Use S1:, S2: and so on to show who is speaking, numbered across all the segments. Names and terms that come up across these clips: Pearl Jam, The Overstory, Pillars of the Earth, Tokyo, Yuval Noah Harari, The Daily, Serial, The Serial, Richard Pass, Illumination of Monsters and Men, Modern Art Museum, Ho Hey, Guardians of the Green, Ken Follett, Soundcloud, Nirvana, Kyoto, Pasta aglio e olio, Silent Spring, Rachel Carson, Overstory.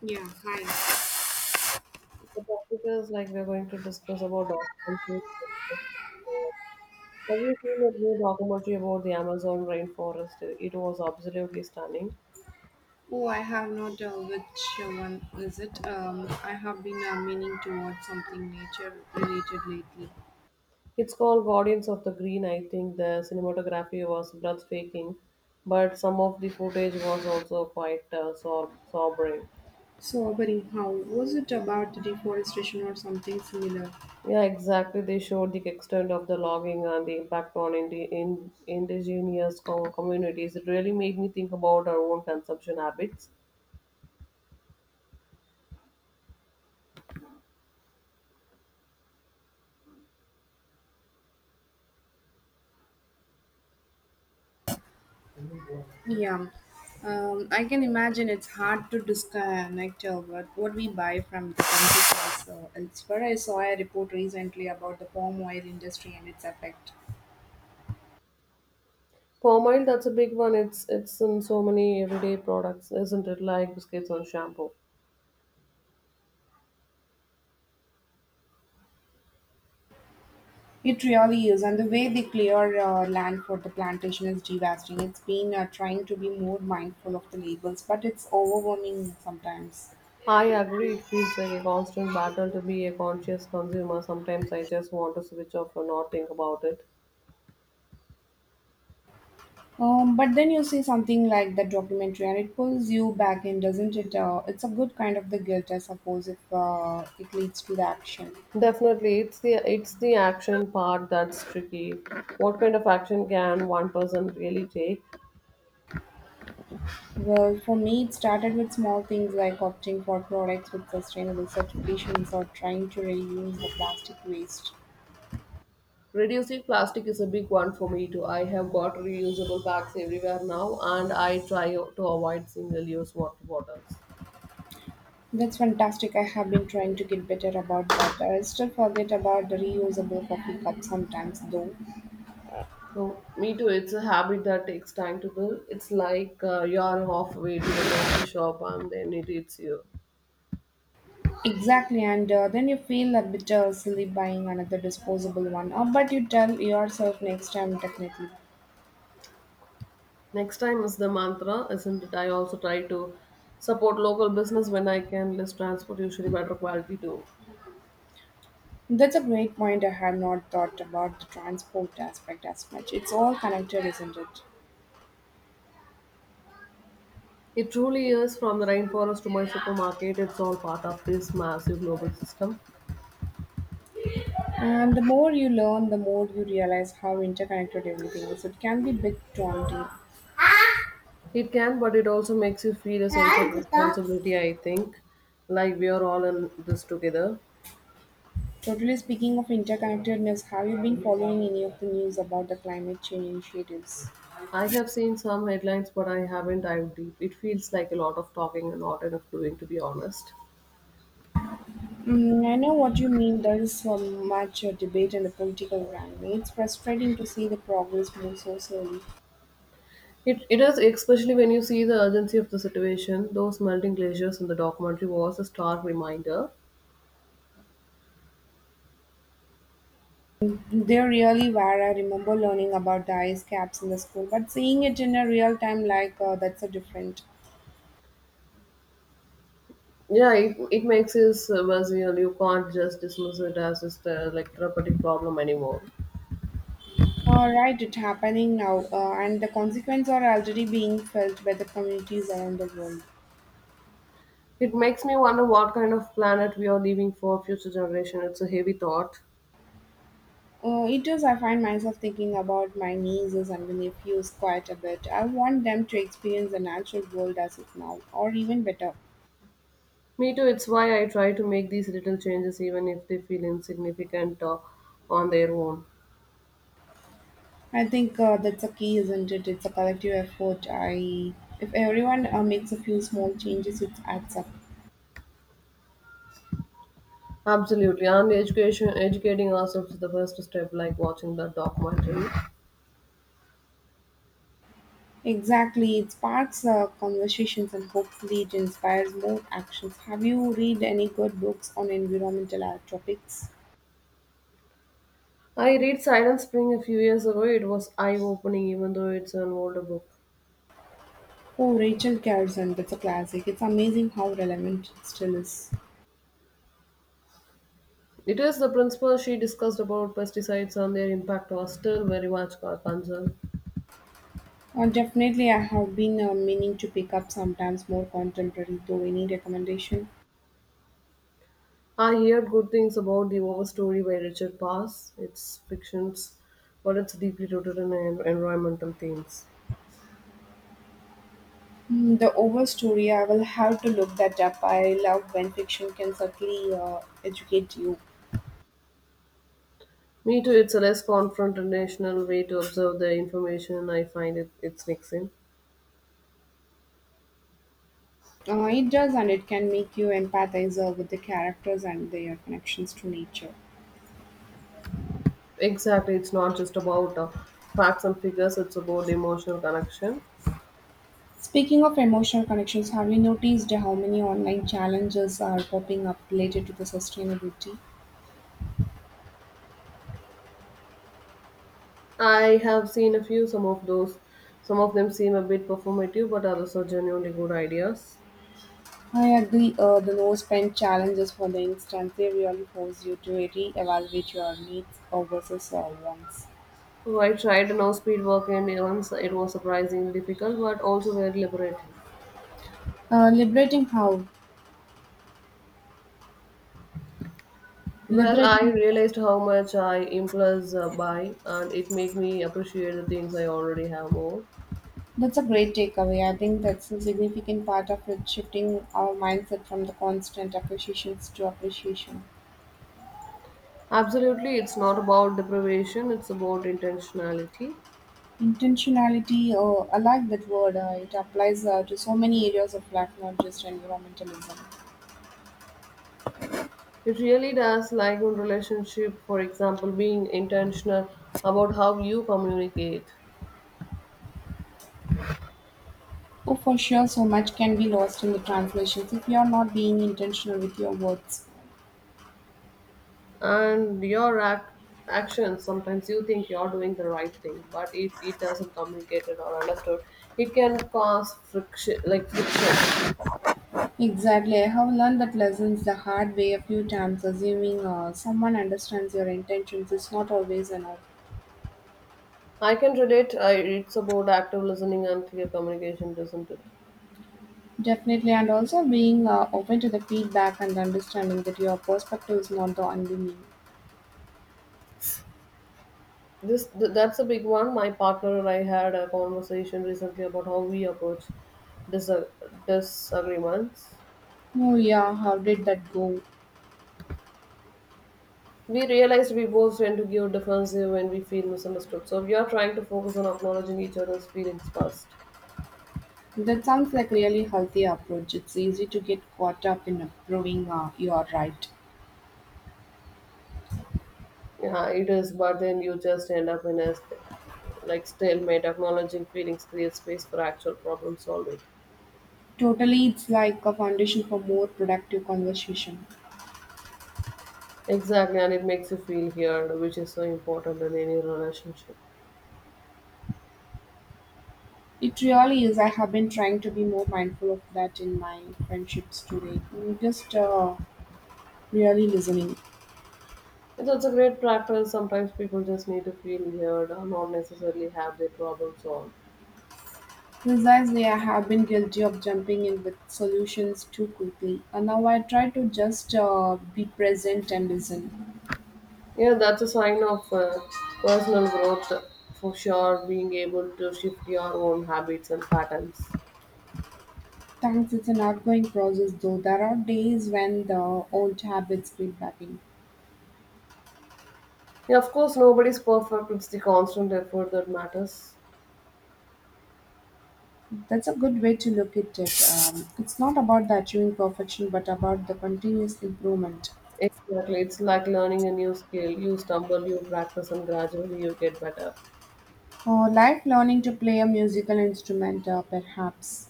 S1: Yeah, hi.
S2: The topic is like we're going to discuss about documentaries. So, have you seen a new documentary about the Amazon rainforest? It was absolutely stunning.
S1: Oh, I have not, which one is it? I have been meaning to watch something nature related lately.
S2: It's called Guardians of the Green. I think the cinematography was breathtaking, but some of the footage was also quite sobering.
S1: So, Abari, how was it about the deforestation or something similar?
S2: Yeah, exactly. They showed the extent of the logging and the impact on indigenous communities. It really made me think about our own consumption habits.
S1: Yeah, I can imagine it's hard to disconnect what we buy from the consequences. Elsewhere, I saw a report recently about the palm oil industry and its effect.
S2: Palm oil, that's a big one. It's in so many everyday products, isn't it? Like biscuits or shampoo.
S1: It really is, and the way they clear land for the plantation is devastating. It's been trying to be more mindful of the labels, but it's overwhelming sometimes.
S2: I agree. It feels like a constant battle to be a conscious consumer. Sometimes I just want to switch off and not think about it.
S1: But then you see something like that documentary, and it pulls you back in, doesn't it? It's a good kind of the guilt, I suppose, if it leads to the action.
S2: Definitely, it's the action part that's tricky. What kind of action can one person really take?
S1: Well, for me, it started with small things like opting for products with sustainable certifications or trying to reduce the plastic waste.
S2: Reducing plastic is a big one for me too. I have got reusable bags everywhere now, and I try to avoid single-use water bottles.
S1: That's fantastic. I have been trying to get better about that. I still forget about the reusable coffee cup sometimes, though.
S2: Oh, me too. It's a habit that takes time to build. It's like you're halfway to the coffee shop and then it eats you.
S1: Exactly, and then you feel a bit silly buying another disposable one, but you tell yourself next time, definitely.
S2: Next time is the mantra, isn't it? I also try to support local business when I can. Less transport, usually better quality too.
S1: That's a great point. I had not thought about the transport aspect as much. It's all connected, isn't it?
S2: It truly is, from the rainforest to my supermarket. It's all part of this massive global system.
S1: And the more you learn, the more you realize how interconnected everything is. It can be a bit daunting.
S2: It can, but it also makes you feel a sense of responsibility, I think, like we are all in this together.
S1: Totally, speaking of interconnectedness, have you been following any of the news about the climate change initiatives?
S2: I have seen some headlines, but I haven't dived deep. It feels like a lot of talking and not enough doing, to be honest.
S1: Mm, I know what you mean. There is so much debate and the political wrangling. It's frustrating to see the progress move so slowly.
S2: It is, especially when you see the urgency of the situation. Those melting glaciers in the documentary was a stark reminder.
S1: They really were. I remember learning about the ice caps in the school, but seeing it in a real time like, that's a different.
S2: Yeah, it makes us visual. You can't just dismiss it as just a like therapeutic problem anymore.
S1: All right, it's happening now, and the consequences are already being felt by the communities around the world.
S2: It makes me wonder what kind of planet we are leaving for future generation. It's a heavy thought.
S1: It is, I find myself thinking about my nieces and nephews quite a bit. I want them to experience the natural world as it now, or even better.
S2: Me too. It's why I try to make these little changes, even if they feel insignificant on their own.
S1: I think that's a key, isn't it? It's a collective effort. I, if everyone makes a few small changes, it adds up.
S2: Absolutely, and education educating ourselves is the first step, like watching the documentary.
S1: Exactly, it sparks conversations and hopefully it inspires more actions. Have you read any good books on environmental topics?
S2: I read Silent Spring a few years ago. It was eye-opening, even though it's an older book.
S1: Oh, Rachel Carson, that's a classic. It's amazing how relevant it still is.
S2: It is the principle she discussed about pesticides and their impact are still very much a concern.
S1: Definitely, I have been meaning to pick up sometimes more contemporary, though, any recommendation?
S2: I heard good things about the Overstory by Richard Pass. It's fictions, but it's deeply rooted in environmental themes.
S1: Hmm, the overstory, I will have to look that up. I love when fiction can certainly educate you.
S2: Me too. It's a less confrontational way to observe the information. I find it's mixing.
S1: It does, and it can make you empathize with the characters and their connections to nature.
S2: Exactly, it's not just about facts and figures, it's about emotional connection.
S1: Speaking of emotional connections, have you noticed how many online challenges are popping up related to the sustainability?
S2: I have seen a few, some of them seem a bit performative, but others are genuinely good ideas.
S1: I agree. The no spend challenges, for the instance, they really force you to re-evaluate your needs or versus your wants.
S2: So I tried now speed work and once it was surprisingly difficult, but also very liberating.
S1: Liberating how?
S2: Well, I
S1: Liberating.
S2: realized how much I impulse buy, and it made me appreciate the things I already have more.
S1: That's a great takeaway. I think that's a significant part of it, shifting our mindset from the constant appreciations to appreciation.
S2: Absolutely, it's not about deprivation, it's about intentionality.
S1: Intentionality, I like that word. It applies to so many areas of life, not just environmentalism.
S2: It really does, like in relationship, for example, being intentional about how you communicate
S1: Oh, for sure, so much can be lost in the translations if you are not being intentional with your words.
S2: and your actions. Sometimes you think you're doing the right thing, but if it doesn't communicated or understood, it can cause friction, like friction.
S1: Exactly. I have learned that lessons the hard way a few times, assuming someone understands your intentions is not always enough.
S2: I can relate. It's about active listening and clear communication, isn't it?
S1: Definitely, and also being open to the feedback and understanding that your perspective is not the only meaning.
S2: That's a big one. My partner and I had a conversation recently about how we approach dis- disagreements.
S1: Oh, yeah, how did that go?
S2: We realize we both tend to give defensive when we feel misunderstood. So we are trying to focus on acknowledging each other's feelings first.
S1: That sounds like really healthy approach. It's easy to get caught up in proving you're right.
S2: Yeah, it is, but then you just end up in a stalemate. Acknowledging feelings creates space for actual problem solving.
S1: Totally, it's like a foundation for more productive conversation.
S2: Exactly, and it makes you feel heard, which is so important in any relationship.
S1: It really is. I have been trying to be more mindful of that in my friendships today. Mm, just really listening.
S2: And that's a great practice. Sometimes people just need to feel heard, or not necessarily have their problem solved.
S1: Precisely, I have been guilty of jumping in with solutions too quickly. And now I try to just be present and listen.
S2: Yeah, that's a sign of personal growth for sure, being able to shift your own habits and patterns.
S1: Thanks, it's an ongoing process though. There are days when the old habits creep back in.
S2: Yeah, of course, nobody's perfect. It's the constant effort that matters.
S1: That's a good way to look at it. It's not about the achieving perfection, but about the continuous improvement.
S2: Exactly. It's like learning a new skill. You stumble, you practice, and gradually you get better.
S1: Or like learning to play a musical instrument, perhaps.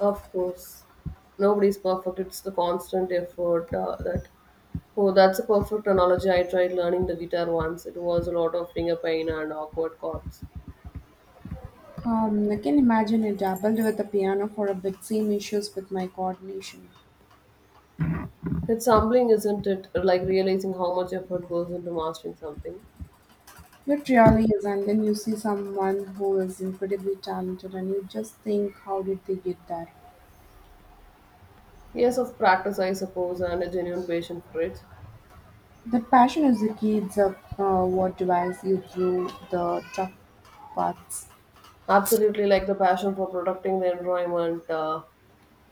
S2: Of course, nobody's perfect. It's the constant effort that. Oh, that's a perfect analogy. I tried learning the guitar once. It was a lot of finger pain and awkward chords.
S1: I can imagine I dabbled with the piano for a bit, same issues with my coordination.
S2: It's humbling, isn't it? Like realizing how much effort goes into mastering something.
S1: It really is, and then you see someone who is incredibly talented, and you just think, how did they get that?"
S2: Years of practice, I suppose, and a genuine passion for it.
S1: The passion is the key, it's a, what drives you through the tough paths.
S2: Absolutely, like the passion for protecting the environment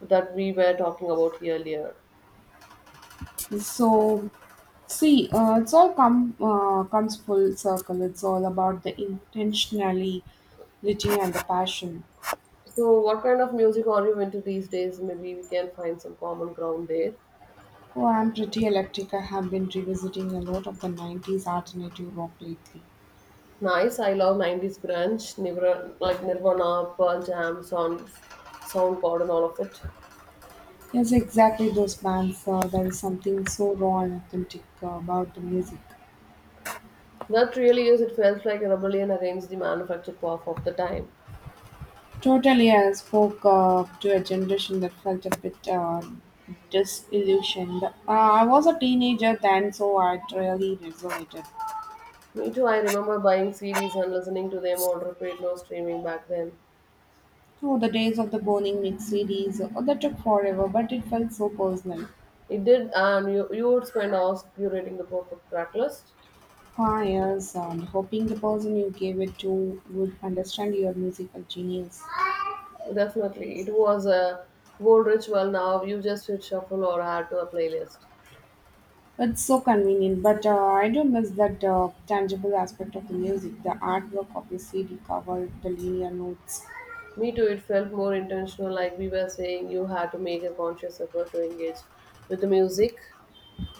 S2: that we were talking about earlier.
S1: So, see, it's all come comes full circle. It's all about the intentionally reaching and the passion.
S2: So, what kind of music are you into these days? Maybe we can find some common ground there.
S1: Oh, I'm pretty electric. I have been revisiting a lot of the 90s alternative rock lately.
S2: Nice. I love 90s grunge, Nirvana, Pearl Jam, Soundcloud, and all of it.
S1: Yes, exactly those bands. There is something so raw and authentic about the music.
S2: That really is. It felt like a rebellion against the manufactured pop of the time.
S1: Totally, I spoke to a generation that felt a bit disillusioned. I was a teenager then, so I really resonated.
S2: Me too. I remember buying CDs and listening to them on repeat, no streaming back then.
S1: Oh, the days of the burning mix CDs, oh, that took forever, but it felt so personal.
S2: It did, and you would spend hours curating the perfect track list.
S1: Ah, yes, and hoping the person you gave it to would understand your musical genius.
S2: Definitely, it was a gold ritual. Now you just hit shuffle or add to a playlist.
S1: It's so convenient, but I do miss that tangible aspect of the music, the artwork of the CD cover, the linear notes.
S2: Me too. It felt more intentional, like we were saying. You had to make a conscious effort to engage with the music.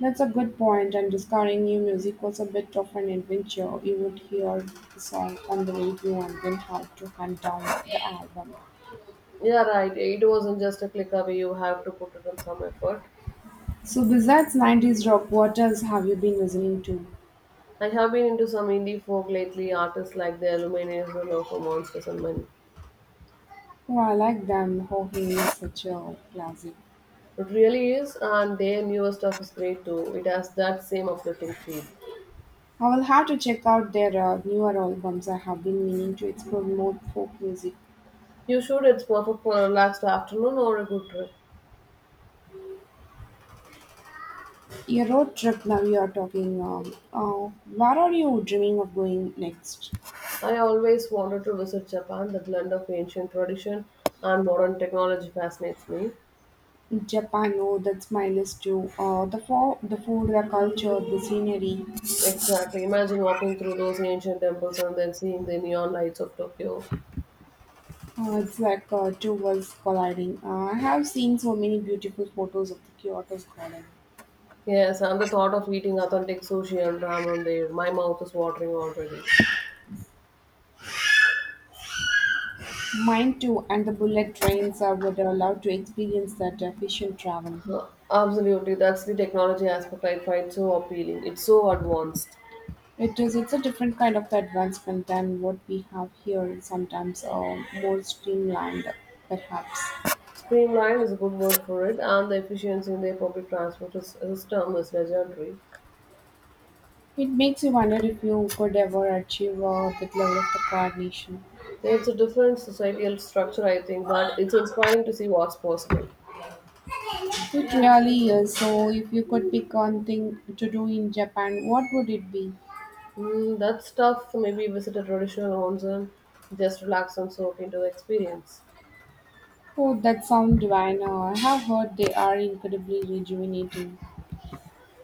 S1: That's a good point, and discovering new music was a bit of an adventure. You would hear the song on the radio and then have to hunt down the album.
S2: Yeah, right. It wasn't just a click away. You have to put it in some effort.
S1: So, besides 90s rock, what else have you been listening to?
S2: I have been into some indie folk lately. Artists like the Illumination of Monsters and Men.
S1: Oh, I like them. Ho Hey is such a classic.
S2: It really is, and their newer stuff is great too. It has that same uplifting feel.
S1: I will have to check out their newer albums. I have been meaning to explore more folk music.
S2: You should, it's perfect for a relaxed afternoon or a good trip.
S1: Your road trip, now you are talking. Where are you dreaming of going next?
S2: I always wanted to visit Japan. The blend of ancient tradition and modern technology fascinates me.
S1: Japan, oh, that's my list too. The, the food, the culture, the scenery.
S2: Exactly. Imagine walking through those ancient temples and then seeing the neon lights of Tokyo.
S1: It's like two worlds colliding. I have seen so many beautiful photos of the Kyoto's garden.
S2: Yes, and the thought of eating authentic sushi and ramen there. My mouth is watering already.
S1: Mine too, and the bullet trains. I would love to experience that efficient travel.
S2: Huh, absolutely, that's the technology aspect I find so appealing. It's so advanced.
S1: It is. It's a different kind of advancement than what we have here. Sometimes more streamlined, perhaps.
S2: Streamlined is a good word for it, and the efficiency in their public system is legendary.
S1: It makes you wonder if you could ever achieve that level of the coordination.
S2: It's a different societal structure, I think, but it's inspiring to see what's possible.
S1: It really is. So, if you could pick one thing to do in Japan, what would it be?
S2: Mm, that's tough. Maybe visit a traditional onsen, just relax and soak into the experience.
S1: Oh, that sounds divine. I have heard they are incredibly rejuvenating.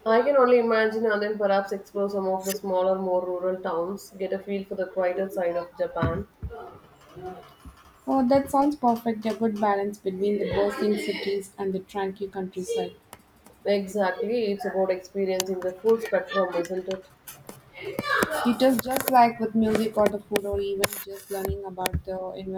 S2: I can only imagine, and then perhaps explore some of the smaller, more rural towns, get a feel for the quieter side of Japan.
S1: Oh, that sounds perfect. A good balance between the bustling cities and the tranquil countryside.
S2: Exactly, it's about experiencing the full spectrum, isn't it?
S1: It is, just like with music or the food or even just learning about the environment.